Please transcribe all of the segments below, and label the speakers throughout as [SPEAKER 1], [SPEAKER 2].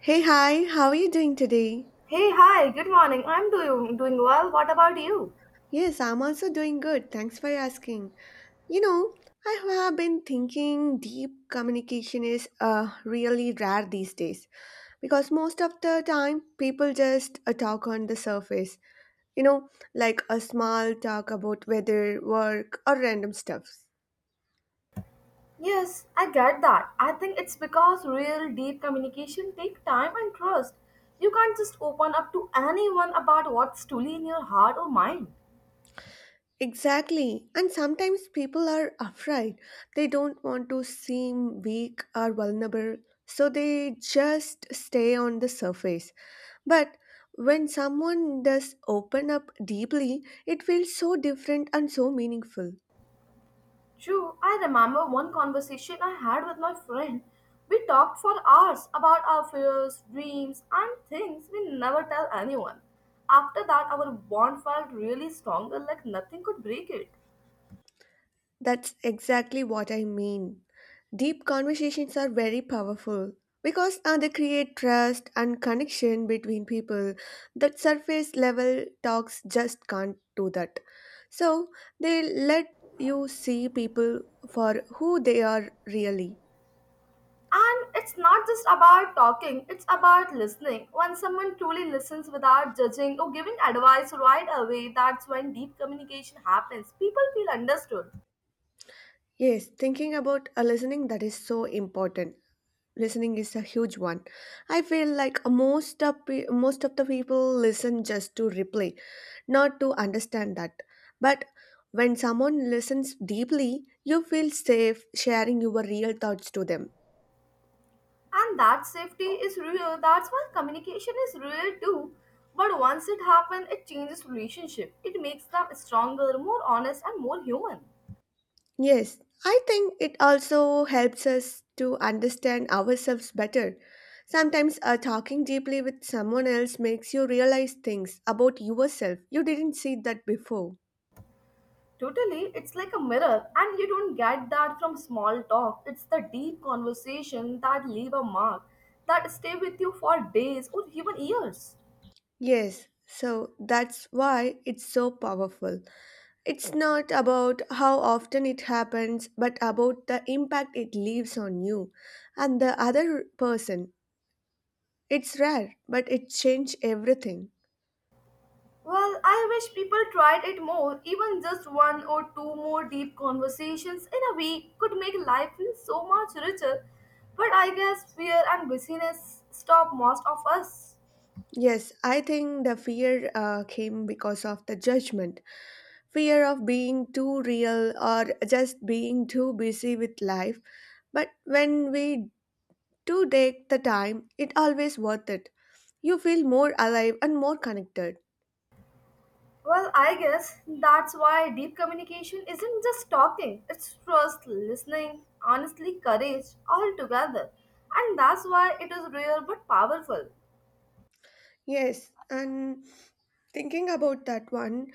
[SPEAKER 1] Hey, hi, how are you doing today?
[SPEAKER 2] Hey, hi, good morning. I'm doing well. What about you?
[SPEAKER 1] Yes, I'm also doing good. Thanks for asking. You know, I have been thinking deep communication is really rare these days because most of the time people just talk on the surface, you know, like a small talk about weather, work, or random stuff.
[SPEAKER 2] Yes, I get that. I think it's because real deep communication take time and trust. You can't just open up to anyone about what's truly in your heart or mind.
[SPEAKER 1] Exactly. And sometimes people are afraid. They don't want to seem weak or vulnerable, so they just stay on the surface. But when someone does open up deeply, it feels so different and so meaningful.
[SPEAKER 2] True, I remember one conversation I had with my friend. We talked for hours about our fears, dreams, and things we never tell anyone. After that, our bond felt really stronger, like nothing could break it.
[SPEAKER 1] That's exactly what I mean. Deep conversations are very powerful because they create trust and connection between people that surface level talks just can't do that. So they let you see people for who they are really.
[SPEAKER 2] And it's not just about talking, it's about listening. When someone truly listens without judging or giving advice right away, that's when deep communication happens. People feel understood.
[SPEAKER 1] Yes, thinking about a listening that is so important. Listening is a huge one. I feel like most of most of the people listen just to replay, not to understand that. But when someone listens deeply, you feel safe sharing your real thoughts to them.
[SPEAKER 2] And that safety is real. That's why communication is real too. But once it happens, it changes relationship. It makes them stronger, more honest, and more human.
[SPEAKER 1] Yes, I think it also helps us to understand ourselves better. Sometimes talking deeply with someone else makes you realize things about yourself you didn't see that before.
[SPEAKER 2] Totally, it's like a mirror, and you don't get that from small talk. It's the deep conversation that leave a mark, that stay with you for days or even years.
[SPEAKER 1] Yes, so that's why it's so powerful. It's not about how often it happens, but about the impact it leaves on you and the other person. It's rare, but it changed everything.
[SPEAKER 2] Well, I wish people tried it more. Even just one or two more deep conversations in a week could make life feel so much richer. But I guess fear and busyness stop most of us.
[SPEAKER 1] Yes, I think the fear came because of the judgment. Fear of being too real or just being too busy with life. But when we do take the time, it always worth it. You feel more alive and more connected.
[SPEAKER 2] Well, I guess that's why deep communication isn't just talking, it's trust, listening, honestly, courage, all together. And that's why it is rare but powerful.
[SPEAKER 1] Yes, and thinking about that one,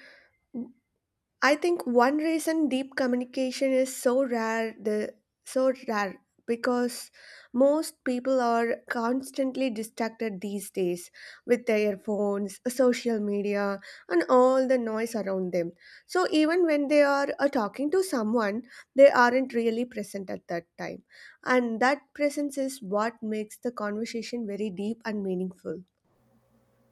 [SPEAKER 1] I think one reason deep communication is so rare, the so rare because most people are constantly distracted these days with their phones, social media, and all the noise around them. So even when they are talking to someone, they aren't really present at that time, and that presence is what makes the conversation very deep and meaningful.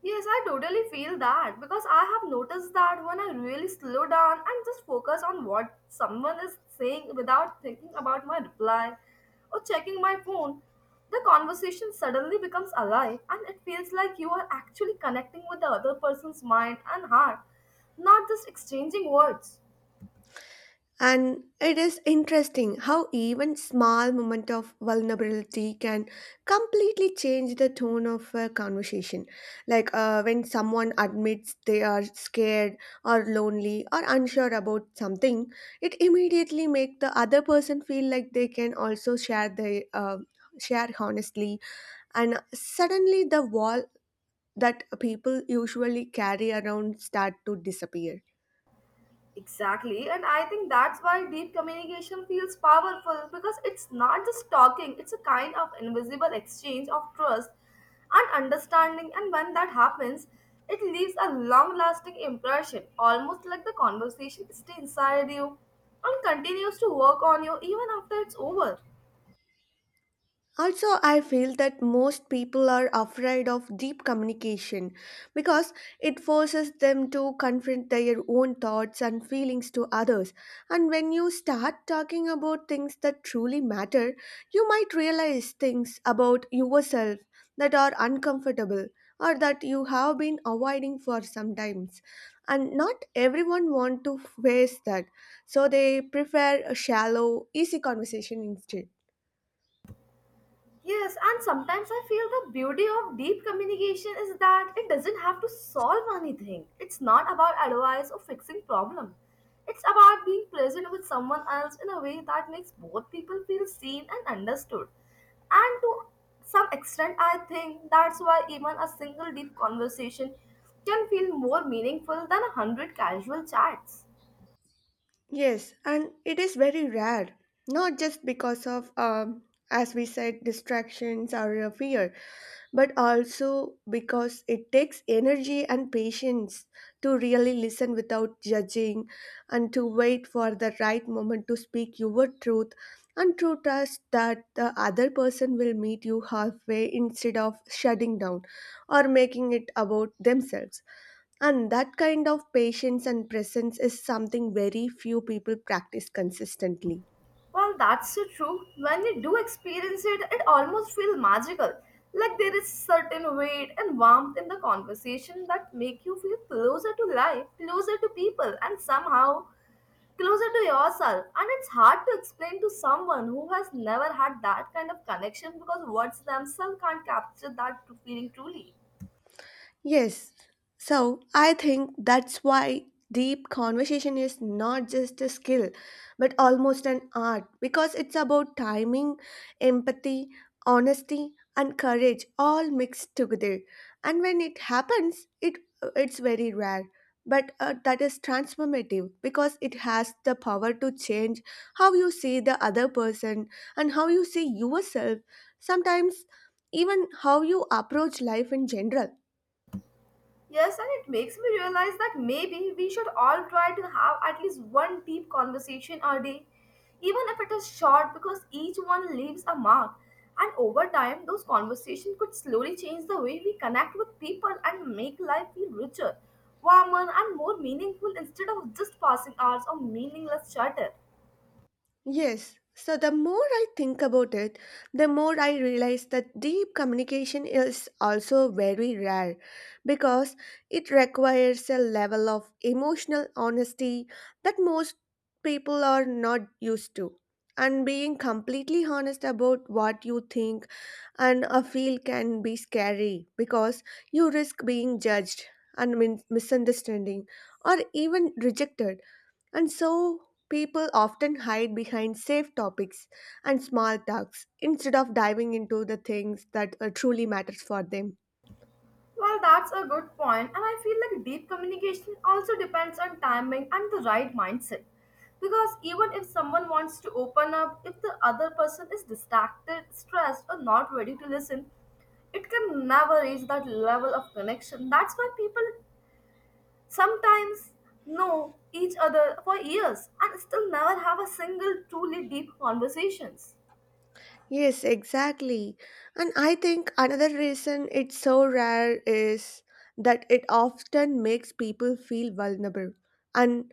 [SPEAKER 2] Yes, I totally feel that because I have noticed that when I really slow down and just focus on what someone is saying without thinking about my reply or checking my phone, the conversation suddenly becomes alive and it feels like you are actually connecting with the other person's mind and heart, not just exchanging words.
[SPEAKER 1] And it is interesting how even small moment of vulnerability can completely change the tone of a conversation. Like when someone admits they are scared or lonely or unsure about something, it immediately make the other person feel like they can also share honestly. And suddenly the wall that people usually carry around start to disappear.
[SPEAKER 2] Exactly, and I think that's why deep communication feels powerful because it's not just talking, it's a kind of invisible exchange of trust and understanding. And when that happens, it leaves a long lasting impression, almost like the conversation stays inside you and continues to work on you even after it's over.
[SPEAKER 1] Also, I feel that most people are afraid of deep communication because it forces them to confront their own thoughts and feelings to others. And when you start talking about things that truly matter, you might realize things about yourself that are uncomfortable or that you have been avoiding for some times, and not everyone want to face that, so they prefer a shallow easy conversation instead.
[SPEAKER 2] Yes, and sometimes I feel the beauty of deep communication is that it doesn't have to solve anything. It's not about advice or fixing problem. It's about being present with someone else in a way that makes both people feel seen and understood. And to some extent, I think that's why even a single deep conversation can feel more meaningful than a hundred casual chats.
[SPEAKER 1] Yes, and it is very rare, not just because of, as we said, distractions or fear, but also because it takes energy and patience to really listen without judging and to wait for the right moment to speak your truth and to trust that the other person will meet you halfway instead of shutting down or making it about themselves. And that kind of patience and presence is something very few people practice consistently.
[SPEAKER 2] Well, that's so true. When you do experience it, it almost feels magical. Like there is certain weight and warmth in the conversation that make you feel closer to life, closer to people, and somehow closer to yourself. And it's hard to explain to someone who has never had that kind of connection because words themselves can't capture that feeling truly.
[SPEAKER 1] Yes. So I think that's why deep conversation is not just a skill, but almost an art because it's about timing, empathy, honesty, and courage all mixed together. And when it happens, it's very rare. But that is transformative because it has the power to change how you see the other person and how you see yourself, sometimes even how you approach life in general.
[SPEAKER 2] Yes, and it makes me realize that maybe we should all try to have at least one deep conversation a day, even if it is short, because each one leaves a mark. And over time, those conversations could slowly change the way we connect with people and make life feel richer, warmer, and more meaningful instead of just passing hours of meaningless chatter.
[SPEAKER 1] Yes. So the more I think about it, the more I realize that deep communication is also very rare because it requires a level of emotional honesty that most people are not used to. And being completely honest about what you think and feel can be scary because you risk being judged, misunderstanding, or even rejected. And so people often hide behind safe topics and small talks instead of diving into the things that truly matters for them.
[SPEAKER 2] Well, that's a good point, and I feel like deep communication also depends on timing and the right mindset. Because even if someone wants to open up, if the other person is distracted, stressed, or not ready to listen, it can never reach that level of connection. That's why people sometimes know each other for years and still never have a single truly deep conversations.
[SPEAKER 1] Yes, exactly. And I think another reason it's so rare is that it often makes people feel vulnerable, and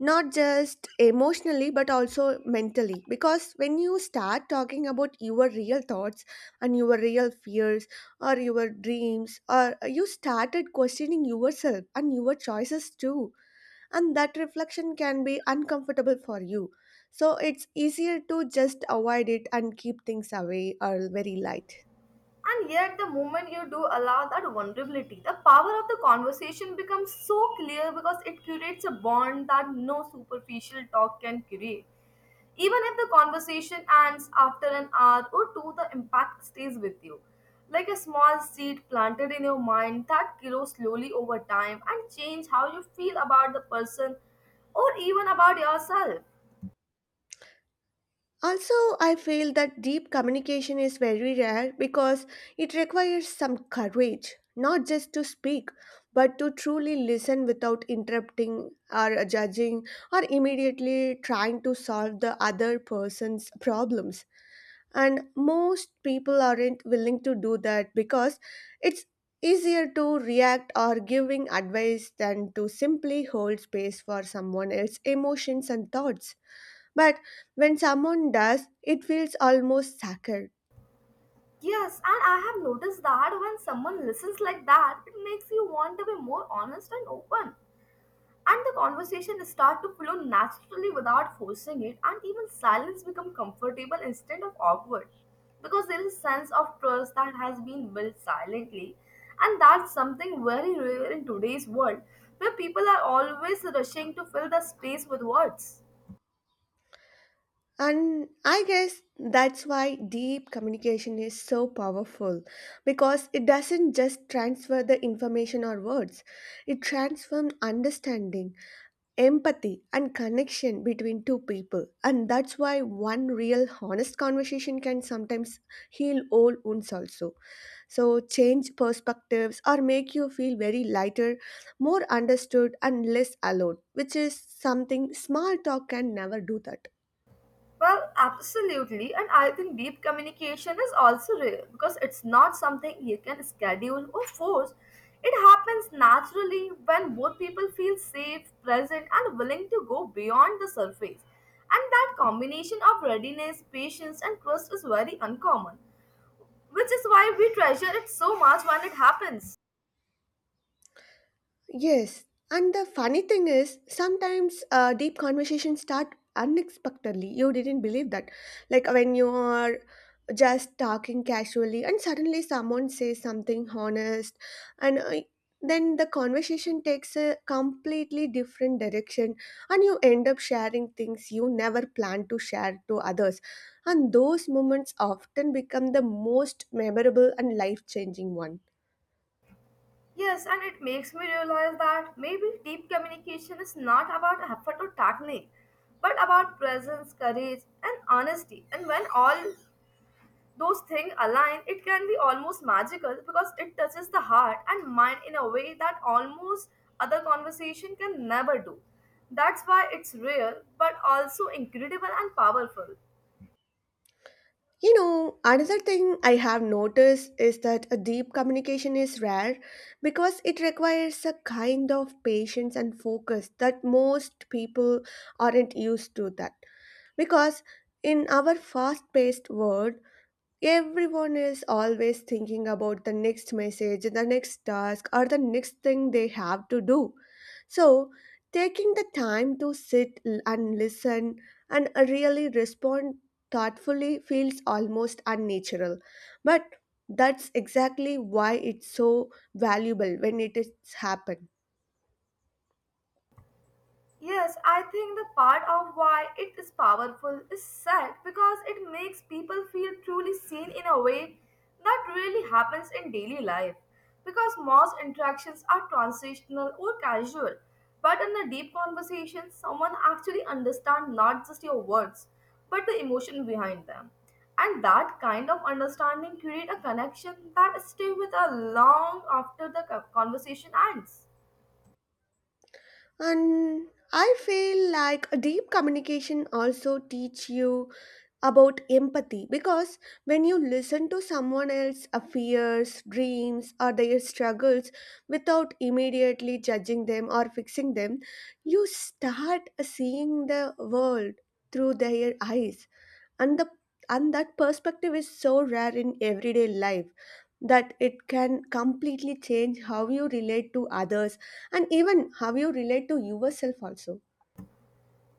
[SPEAKER 1] not just emotionally but also mentally because when you start talking about your real thoughts and your real fears or your dreams, or you started questioning yourself and your choices too, and that reflection can be uncomfortable for you, so it's easier to just avoid it and keep things away or very light.
[SPEAKER 2] And yet, the moment you do allow that vulnerability, the power of the conversation becomes so clear because it creates a bond that no superficial talk can create. Even if the conversation ends after an hour or two, the impact stays with you. Like a small seed planted in your mind that grows slowly over time and change how you feel about the person or even about yourself.
[SPEAKER 1] Also, I feel that deep communication is very rare because it requires some courage, not just to speak, but to truly listen without interrupting or judging or immediately trying to solve the other person's problems. And most people aren't willing to do that because it's easier to react or giving advice than to simply hold space for someone else's emotions and thoughts. But when someone does, it feels almost sacred.
[SPEAKER 2] Yes, and I have noticed that when someone listens like that, it makes you want to be more honest and open, and the conversation start to flow naturally without forcing it, and even silence become comfortable instead of awkward because there is a sense of trust that has been built silently, and that's something very rare in today's world where people are always rushing to fill the space with words.
[SPEAKER 1] And I guess that's why deep communication is so powerful because it doesn't just transfer the information or words, it transforms understanding, empathy, and connection between two people. And that's why one real honest conversation can sometimes heal old wounds also. So, change perspectives or make you feel very lighter, more understood, and less alone, which is something small talk can never do that.
[SPEAKER 2] Well, absolutely. And I think deep communication is also real because it's not something you can schedule or force. It happens naturally when both people feel safe, present, and willing to go beyond the surface. And that combination of readiness, patience, and trust is very uncommon, which is why we treasure it so much when it happens.
[SPEAKER 1] Yes, and the funny thing is, sometimes deep conversations start unexpectedly. You didn't believe that. Like when you are just talking casually, and suddenly someone says something honest, and then the conversation takes a completely different direction, and you end up sharing things you never planned to share to others. And those moments often become the most memorable and life changing one.
[SPEAKER 2] Yes, and it makes me realize that maybe deep communication is not about effort or technique, but about presence, courage, and honesty. And when all those things align, it can be almost magical because it touches the heart and mind in a way that almost other conversation can never do. That's why it's real, but also incredible and powerful.
[SPEAKER 1] You know, another thing I have noticed is that a deep communication is rare because it requires a kind of patience and focus that most people aren't used to that. Because in our fast-paced world, everyone is always thinking about the next message, the next task, or the next thing they have to do. So, taking the time to and listen and really respond thoughtfully feels almost unnatural. But that's exactly why it's so valuable when it is happen.
[SPEAKER 2] Yes, I think the part of why it is powerful is sad because it makes people feel truly seen in a way that really happens in daily life. Because most interactions are transitional or casual, but in a deep conversation, someone actually understands not just your words but the emotion behind them. And that kind of understanding creates a connection that stays with us long after the conversation ends.
[SPEAKER 1] And I feel like a deep communication also teach you about empathy because when you listen to someone else's fears, dreams, or their struggles without immediately judging them or fixing them, you start seeing the world through their eyes. And, and that perspective is so rare in everyday life that it can completely change how you relate to others and even how you relate to yourself also.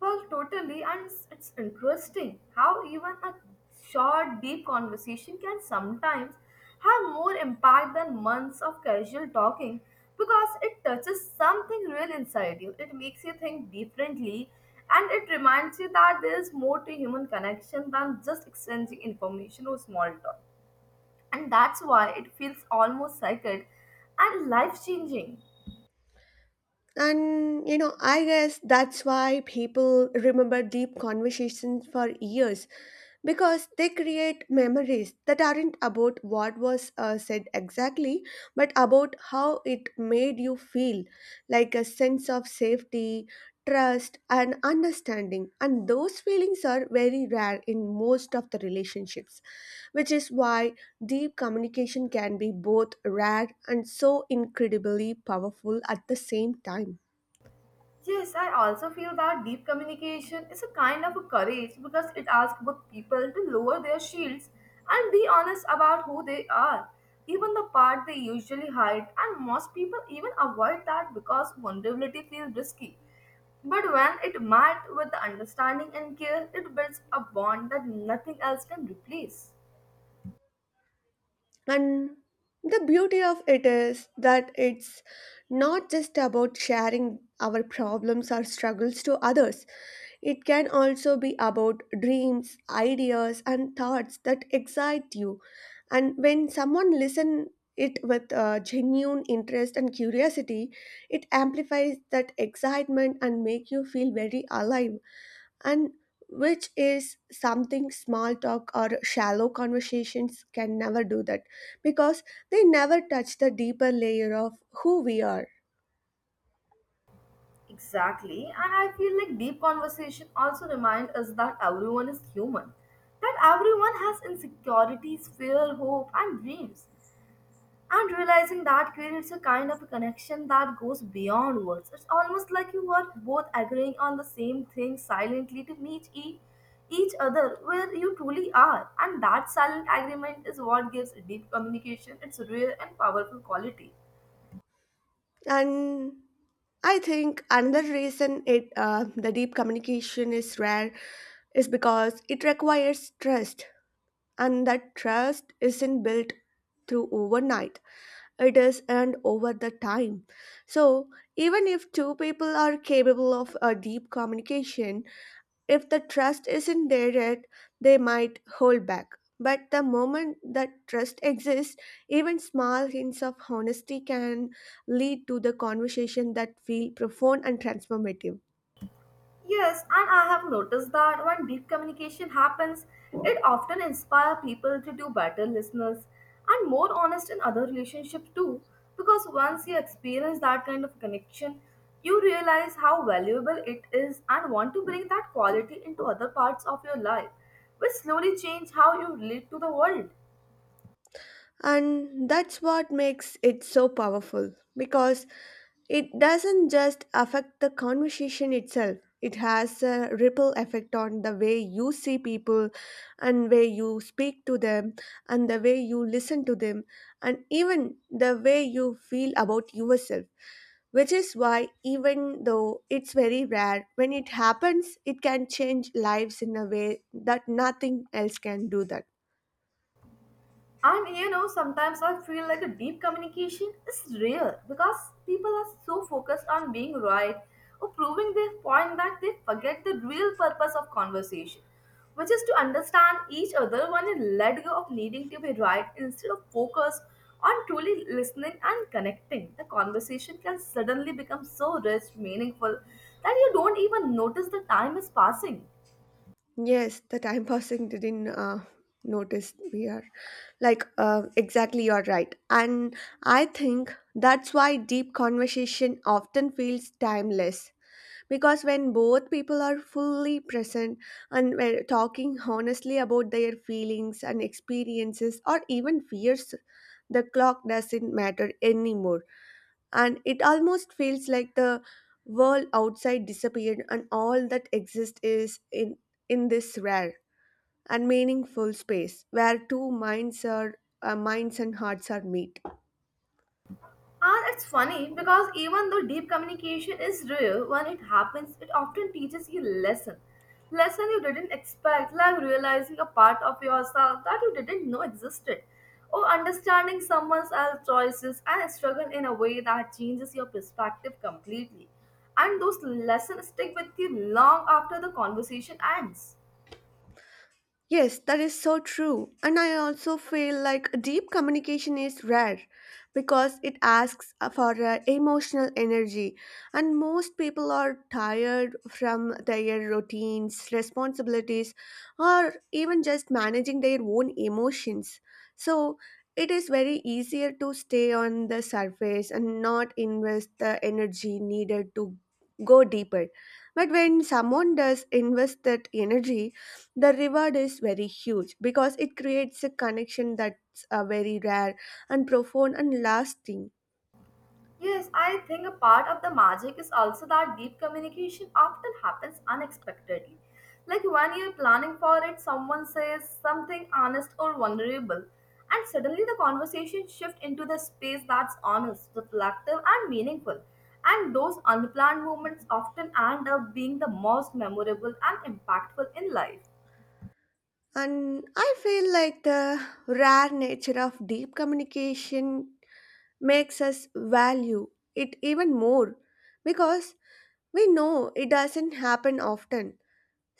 [SPEAKER 2] Well, totally, and it's interesting how even a short, deep conversation can sometimes have more impact than months of casual talking because it touches something real inside you. It makes you think differently, and it reminds you that there is more to human connection than just exchanging information or small talk. And that's why it feels almost sacred and life changing.
[SPEAKER 1] And you know, I guess that's why people remember deep conversations for years because they create memories that aren't about what was said exactly, but about how it made you feel, like a sense of safety, trust, and understanding. And those feelings are very rare in most of the relationships, which is why deep communication can be both rare and so incredibly powerful at the same time.
[SPEAKER 2] Yes, I also feel that deep communication is a kind of a courage because it asks both people to lower their shields and be honest about who they are, even the part they usually hide, and most people even avoid that because vulnerability feels risky. But when it met with the understanding and care, it builds a bond that nothing else can replace.
[SPEAKER 1] And the beauty of it is that it's not just about sharing our problems or struggles to others. It can also be about dreams, ideas, and thoughts that excite you. And when someone listens it with genuine interest and curiosity, it amplifies that excitement and make you feel very alive, and which is something small talk or shallow conversations can never do that because they never touch the deeper layer of who we are.
[SPEAKER 2] Exactly, and I feel like deep conversation also remind us that everyone is human, that everyone has insecurities, fear, hope, and dreams. And realizing that creates a kind of a connection that goes beyond words. It's almost like you are both agreeing on the same thing silently to meet each other where you truly are. And that silent agreement is what gives deep communication its real and powerful quality.
[SPEAKER 1] And I think another reason it the deep communication is rare is because it requires trust, and that trust isn't built through overnight, it is earned over the time. So even if two people are capable of a deep communication, if the trust isn't there yet, they might hold back. But the moment that trust exists, even small hints of honesty can lead to the conversation that feel profound and transformative.
[SPEAKER 2] Yes, and I have noticed that when deep communication happens, it often inspires people to do better listeners and more honest in other relationships too. Because once you experience that kind of connection, you realize how valuable it is and want to bring that quality into other parts of your life, which slowly change how you relate to the world.
[SPEAKER 1] And that's what makes it so powerful because it doesn't just affect the conversation itself, it has a ripple effect on the way you see people and way you speak to them and the way you listen to them and even the way you feel about yourself, which is why even though it's very rare, when it happens it can change lives in a way that nothing else can do that.
[SPEAKER 2] And you know, sometimes I feel like a deep communication is rare because people are so focused on being right or proving their point that they forget the real purpose of conversation, which is to understand each other One and let go of needing to be right instead of focus on truly listening and connecting. The conversation can suddenly become so rich, meaningful that you don't even notice the time is passing.
[SPEAKER 1] Yes, the time passing didn't notice we are like exactly, you're right. And I think that's why deep conversation often feels timeless because when both people are fully present and we're talking honestly about their feelings and experiences or even fears, the clock doesn't matter anymore, and it almost feels like the world outside disappeared and all that exists is in this rare and meaningful space where two minds are minds and hearts are meet.
[SPEAKER 2] And it's funny because even though deep communication is real, when it happens, it often teaches you lesson. Lesson you didn't expect, like realizing a part of yourself that you didn't know existed, or understanding someone else's choices and struggle in a way that changes your perspective completely. And those lessons stick with you long after the conversation ends.
[SPEAKER 1] Yes, that is so true. And I also feel like deep communication is rare because it asks for emotional energy. And most people are tired from their routines, responsibilities, or even just managing their own emotions. So it is very easier to stay on the surface and not invest the energy needed to go deeper. But when someone does invest that energy, the reward is very huge because it creates a connection that's very rare and profound and lasting.
[SPEAKER 2] Yes, I think a part of the magic is also that deep communication often happens unexpectedly. Like when you're planning for it, someone says something honest or vulnerable, and suddenly the conversation shifts into the space that's honest, reflective, and meaningful. And those unplanned moments often end up being the most memorable and impactful in life.
[SPEAKER 1] And I feel like the rare nature of deep communication makes us value it even more because we know it doesn't happen often.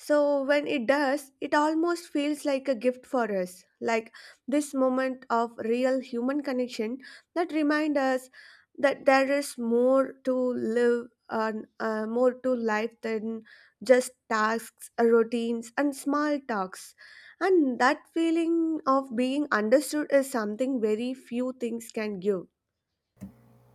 [SPEAKER 1] So when it does, it almost feels like a gift for us, like this moment of real human connection that remind us that there is more to live and more to life than just tasks, routines, and small talks. And that feeling of being understood is something very few things can give.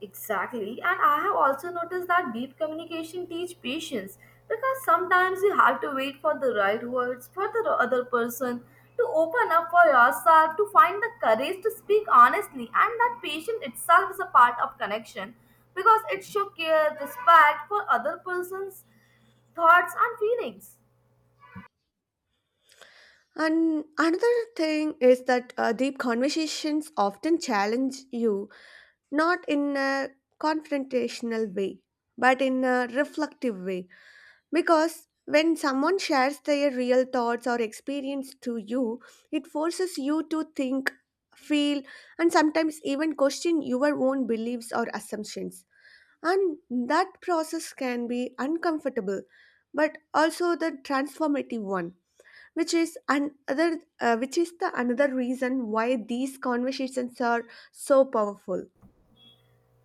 [SPEAKER 2] Exactly. And I have also noticed that deep communication teach patience because sometimes you have to wait for the right words for the other person to open up for yourself, to find the courage to speak honestly. And that patience itself is a part of connection because it shows care, respect for other person's thoughts and feelings.
[SPEAKER 1] And another thing is that deep conversations often challenge you not in a confrontational way, but in a reflective way. Because when someone shares their real thoughts or experience to you, it forces you to think, feel, and sometimes even question your own beliefs or assumptions. And that process can be uncomfortable, but also the transformative one which is the another reason why these conversations are so powerful.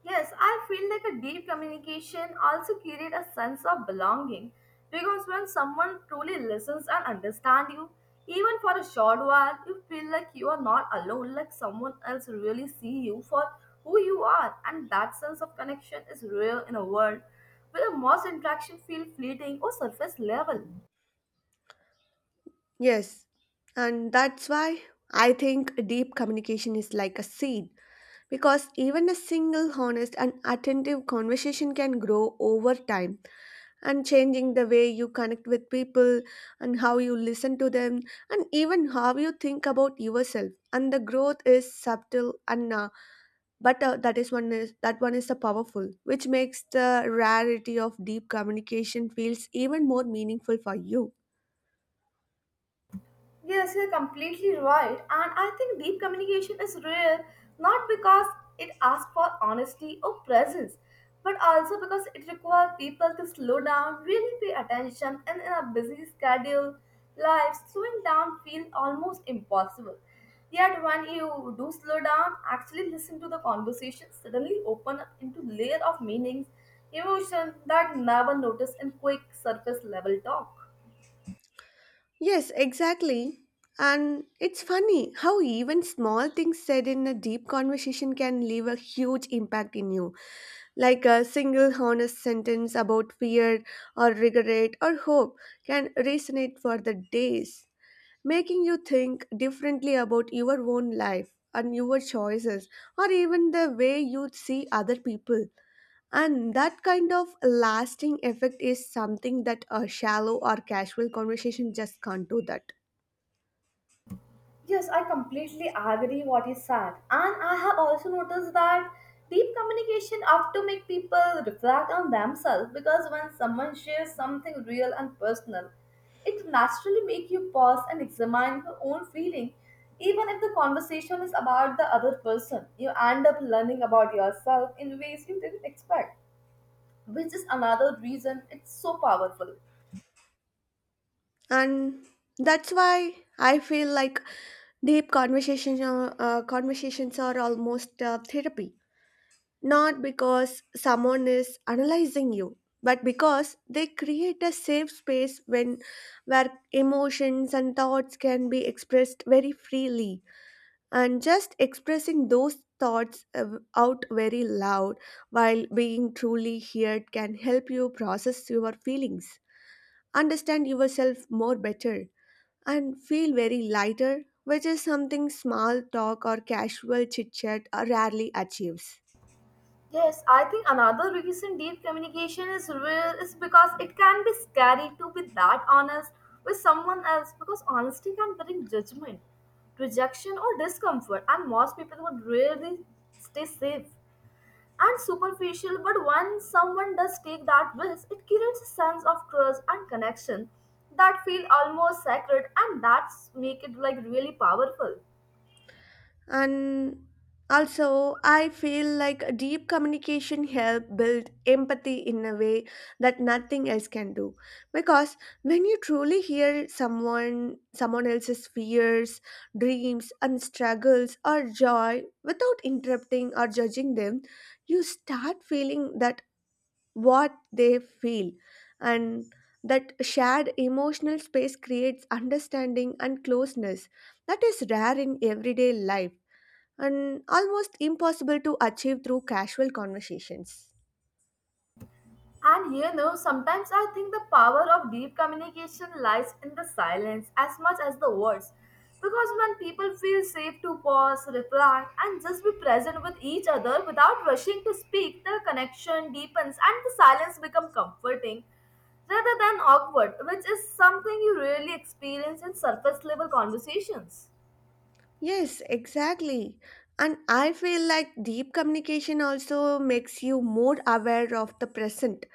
[SPEAKER 2] Yes, I feel like a deep communication also creates a sense of belonging because when someone truly listens and understands you, even for a short while, you feel like you are not alone, like someone else really see you for who you are, and that sense of connection is real in a world where most interaction feel fleeting or surface level.
[SPEAKER 1] Yes, and that's why I think deep communication is like a seed because even a single honest and attentive conversation can grow over time and changing the way you connect with people and how you listen to them and even how you think about yourself, and the growth is subtle and but that one is a powerful which makes the rarity of deep communication feels even more meaningful for you.
[SPEAKER 2] Yes, you're completely right. And I think deep communication is rare not because it asks for honesty or presence, but also because it requires people to slow down, really pay attention, and in a busy schedule, life slowing down feels almost impossible. Yet when you do slow down, actually listen to the conversation, suddenly open up into layer of meanings, emotion that never noticed in quick surface level talk.
[SPEAKER 1] Yes, exactly. And it's funny how even small things said in a deep conversation can leave a huge impact in you. Like a single honest sentence about fear or regret or hope can resonate for the days, making you think differently about your own life and your choices or even the way you see other people. And that kind of lasting effect is something that a shallow or casual conversation just can't do that.
[SPEAKER 2] Yes, I completely agree what he said. And I have also noticed that deep communication often make people reflect on themselves because when someone shares something real and personal, it naturally make you pause and examine your own feeling. Even if the conversation is about the other person, you end up learning about yourself in ways you didn't expect, which is another reason it's so powerful.
[SPEAKER 1] And that's why I feel like conversations are almost therapy, not because someone is analyzing you, but because they create a safe space when where emotions and thoughts can be expressed very freely, and just expressing those thoughts out very loud while being truly heard can help you process your feelings, understand yourself more better, and feel very lighter, which is something small talk or casual chit chat rarely achieves.
[SPEAKER 2] Yes, I think another reason deep communication is real is because it can be scary to be that honest with someone else because honesty can bring judgment, rejection, or discomfort, and most people would really stay safe and superficial. But when someone does take that risk, it creates a sense of trust and connection that feel almost sacred, and that's make it like really powerful.
[SPEAKER 1] And also, I feel like deep communication help build empathy in a way that nothing else can do. Because when you truly hear someone else's fears, dreams, and struggles or joy without interrupting or judging them, you start feeling that what they feel, and that shared emotional space creates understanding and closeness that is rare in everyday life and almost impossible to achieve through casual conversations.
[SPEAKER 2] And you know, sometimes I think the power of deep communication lies in the silence as much as the words. Because when people feel safe to pause, reflect, and just be present with each other without rushing to speak, the connection deepens and the silence becomes comforting rather than awkward, which is something you rarely experience in surface level conversations.
[SPEAKER 1] Yes, exactly. And I feel like deep communication also makes you more aware of the present,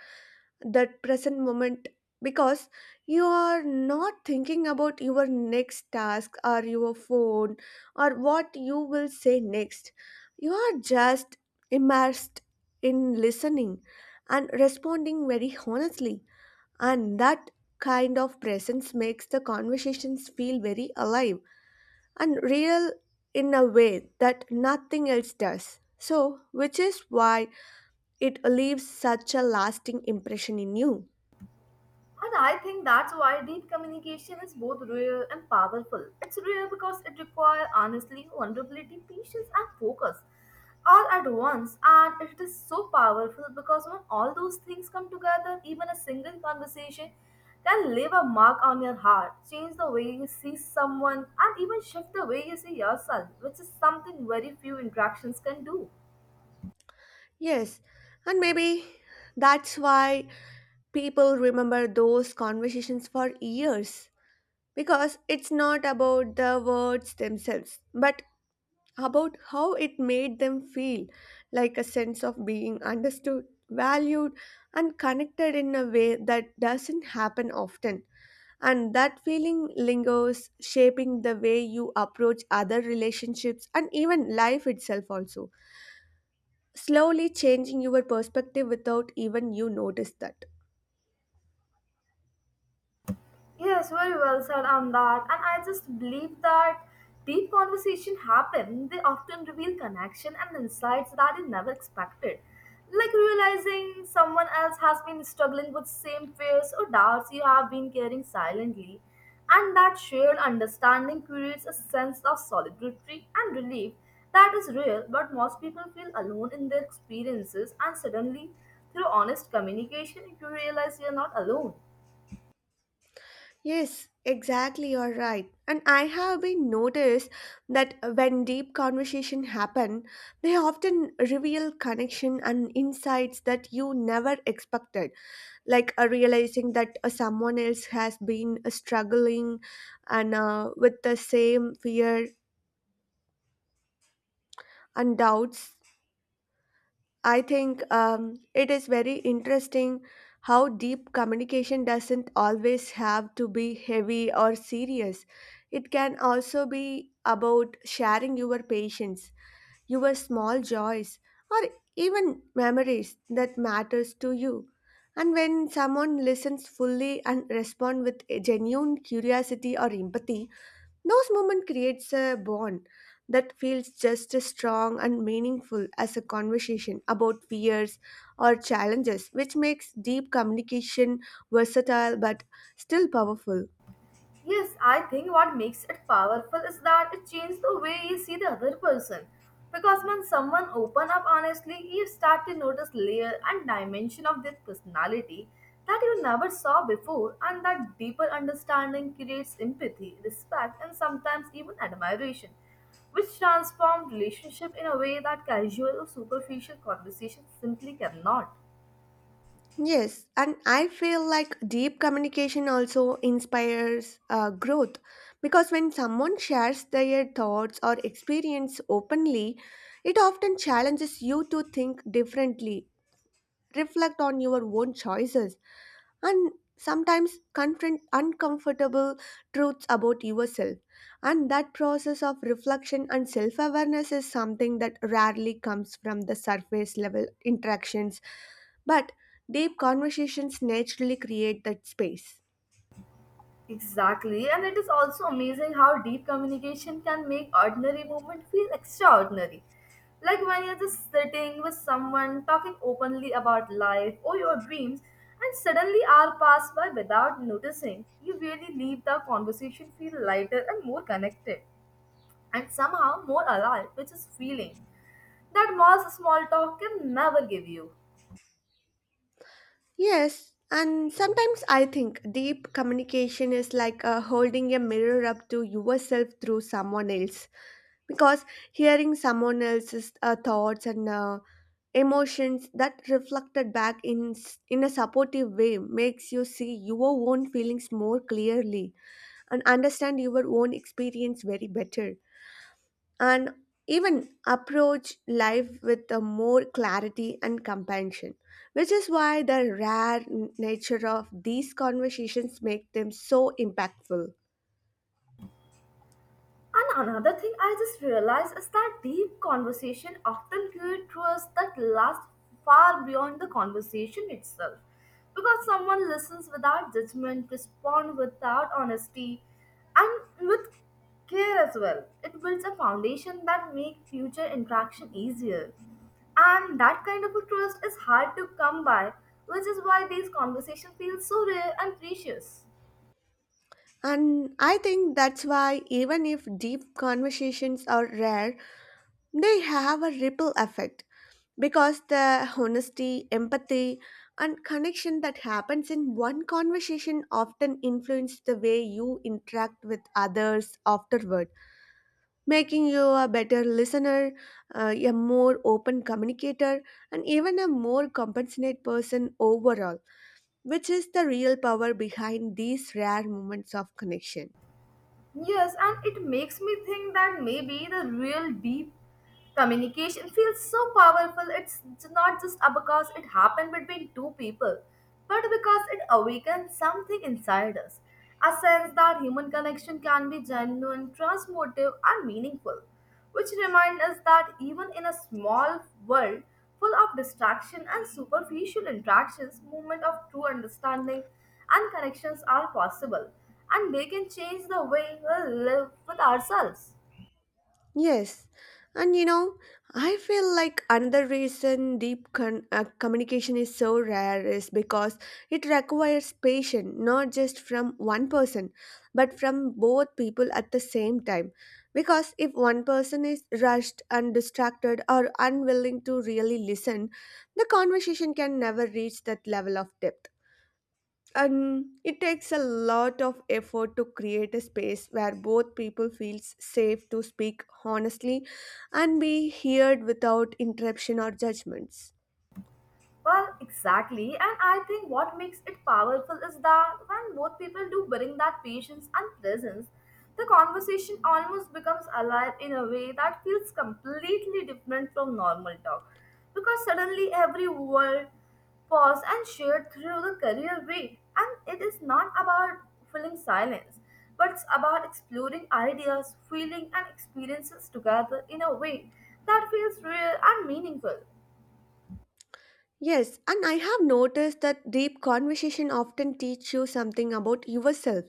[SPEAKER 1] that present moment, because you are not thinking about your next task or your phone or what you will say next. You are just immersed in listening and responding very honestly, and that kind of presence makes the conversations feel very alive and real in a way that nothing else does. So, which is why it leaves such a lasting impression in you.
[SPEAKER 2] And I think that's why deep communication is both real and powerful. It's real because it requires honesty, vulnerability, patience, and focus all at once. And it is so powerful because when all those things come together, even a single conversation can leave a mark on your heart, change the way you see someone, and even shift the way you see yourself, which is something very few interactions can do.
[SPEAKER 1] Yes, and maybe that's why people remember those conversations for years, because it's not about the words themselves, but about how it made them feel, like a sense of being understood, valued, and connected in a way that doesn't happen often. And that feeling lingers, shaping the way you approach other relationships and even life itself, also slowly changing your perspective without even you notice that.
[SPEAKER 2] Yes, very well said on that. And I just believe that deep conversation happen. They often reveal connection and insights that you never expected. Like realizing someone else has been struggling with same fears or doubts you have been carrying silently. And that shared understanding creates a sense of solidarity and relief that is real, but most people feel alone in their experiences and suddenly through honest communication you realize you're not alone.
[SPEAKER 1] Yes, exactly, you're right. And I have been noticed that when deep conversation happen, they often reveal connection and insights that you never expected, like realizing that someone else has been struggling and with the same fear and doubts. I think it is very interesting how deep communication doesn't always have to be heavy or serious. It can also be about sharing your patience, your small joys, or even memories that matters to you. And when someone listens fully and responds with a genuine curiosity or empathy, those moments creates a bond that feels just as strong and meaningful as a conversation about fears or challenges, which makes deep communication versatile but still powerful.
[SPEAKER 2] Yes, I think what makes it powerful is that it changes the way you see the other person. Because when someone open up honestly, you start to notice layer and dimension of their personality that you never saw before, and that deeper understanding creates empathy, respect, and sometimes even admiration, which transform relationship in a way that casual or superficial conversation simply cannot.
[SPEAKER 1] Yes, and I feel like deep communication also inspires growth because when someone shares their thoughts or experience openly, it often challenges you to think differently, reflect on your own choices, and sometimes confront uncomfortable truths about yourself. And that process of reflection and self awareness is something that rarely comes from the surface level interactions, but deep conversations naturally create that space.
[SPEAKER 2] Exactly, and it is also amazing how deep communication can make ordinary moment feel extraordinary. Like when you're just sitting with someone talking openly about life or your dreams, and suddenly hour pass by without noticing, you really leave the conversation feel lighter and more connected, and somehow more alive, which is feeling that most small talk can never give you.
[SPEAKER 1] Yes, and sometimes I think deep communication is like holding a mirror up to yourself through someone else. Because hearing someone else's thoughts and emotions that reflected back in a supportive way makes you see your own feelings more clearly and understand your own experience very better and even approach life with a more clarity and compassion, which is why the rare nature of these conversations make them so impactful.
[SPEAKER 2] And another thing I just realized is that deep conversation often create trust that lasts far beyond the conversation itself. Because someone listens without judgment, respond without honesty, and with care as well. It builds a foundation that make future interaction easier. And that kind of a trust is hard to come by, which is why these conversations feel so rare and precious.
[SPEAKER 1] And I think that's why even if deep conversations are rare, they have a ripple effect because the honesty, empathy, and connection that happens in one conversation often influence the way you interact with others afterward, making you a better listener, a more open communicator, and even a more compassionate person overall, which is the real power behind these rare moments of connection.
[SPEAKER 2] Yes, and it makes me think that maybe the real deep communication feels so powerful. It's not just because it happened between two people, but because it awakens something inside us, a sense that human connection can be genuine, transformative, and meaningful, which remind us that even in a small world full of distraction and superficial interactions, movement of true understanding and connections are possible, and they can change the way we live with ourselves.
[SPEAKER 1] Yes, and you know, I feel like another reason deep communication is so rare is because it requires patience, not just from one person, but from both people at the same time. Because if one person is rushed and distracted or unwilling to really listen, the conversation can never reach that level of depth, and it takes a lot of effort to create a space where both people feels safe to speak honestly and be heard without interruption or judgments.
[SPEAKER 2] Well, exactly. And I think what makes it powerful is that when both people do bring that patience and presence, the conversation almost becomes alive in a way that feels completely different from normal talk. Because suddenly every word pause and shared through the career way. And it is not about filling silence, but it's about exploring ideas, feeling and experiences together in a way that feels real and meaningful.
[SPEAKER 1] Yes, and I have noticed that deep conversation often teach you something about yourself.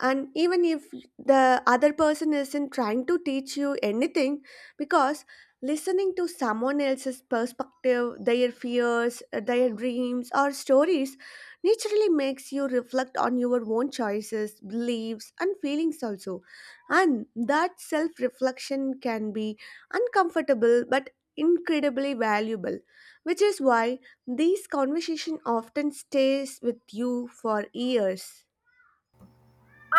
[SPEAKER 1] And even if the other person isn't trying to teach you anything, because listening to someone else's perspective, their fears, their dreams, or stories naturally makes you reflect on your own choices, beliefs, and feelings also. And that self reflection can be uncomfortable but incredibly valuable, which is why these conversations often stays with you for years.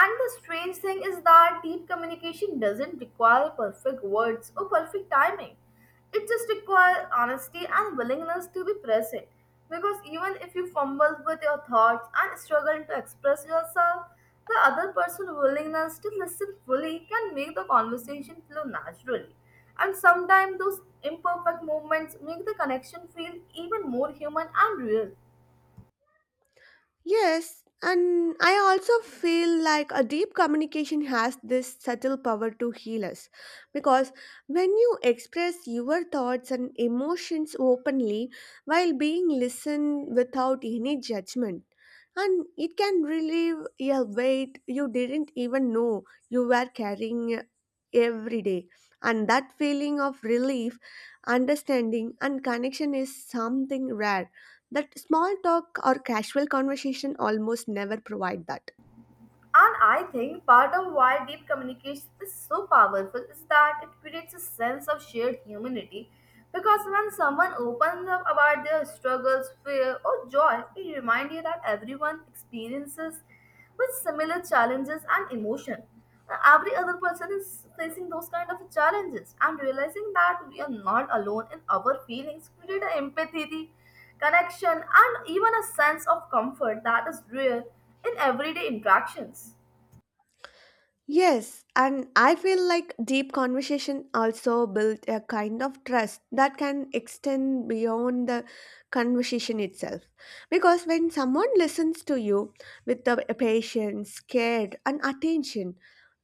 [SPEAKER 2] And the strange thing is that deep communication doesn't require perfect words or perfect timing. It just requires honesty and willingness to be present. Because even if you fumble with your thoughts and struggle to express yourself, the other person's willingness to listen fully can make the conversation flow naturally. And sometimes those imperfect moments make the connection feel even more human and real.
[SPEAKER 1] Yes, and I also feel like a deep communication has this subtle power to heal us because when you express your thoughts and emotions openly while being listened without any judgment, and it can relieve a weight you didn't even know you were carrying every day. And that feeling of relief, understanding, and connection is something rare that small talk or casual conversation almost never provide that.
[SPEAKER 2] And I think part of why deep communication is so powerful is that it creates a sense of shared humanity. Because when someone opens up about their struggles, fear, or joy, it reminds you that everyone experiences with similar challenges and emotion. Every other person is facing those kind of challenges, and realizing that we are not alone in our feelings create an empathy connection, and even a sense of comfort that is rare in everyday interactions.
[SPEAKER 1] Yes, and I feel like deep conversation also build a kind of trust that can extend beyond the conversation itself. Because when someone listens to you with the patience, care, and attention,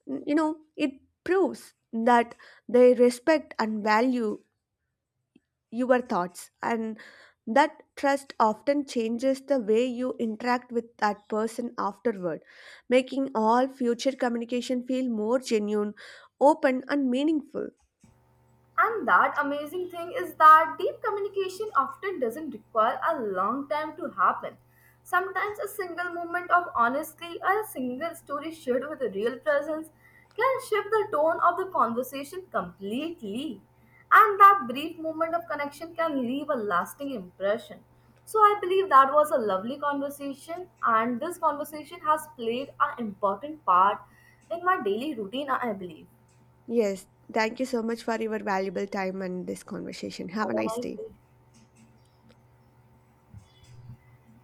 [SPEAKER 1] you know, it proves that they respect and value your thoughts, and that trust often changes the way you interact with that person afterward, making all future communication feel more genuine, open and meaningful.
[SPEAKER 2] And that amazing thing is that deep communication often doesn't require a long time to happen. Sometimes a single moment of honesty or a single story shared with a real presence can shift the tone of the conversation completely. And that brief moment of connection can leave a lasting impression. So I believe that was a lovely conversation and this conversation has played an important part in my daily routine, I believe.
[SPEAKER 1] Yes, thank you so much for your valuable time and this conversation. Have
[SPEAKER 2] Have
[SPEAKER 1] a
[SPEAKER 2] a
[SPEAKER 1] nice
[SPEAKER 2] nice
[SPEAKER 1] day.
[SPEAKER 2] day.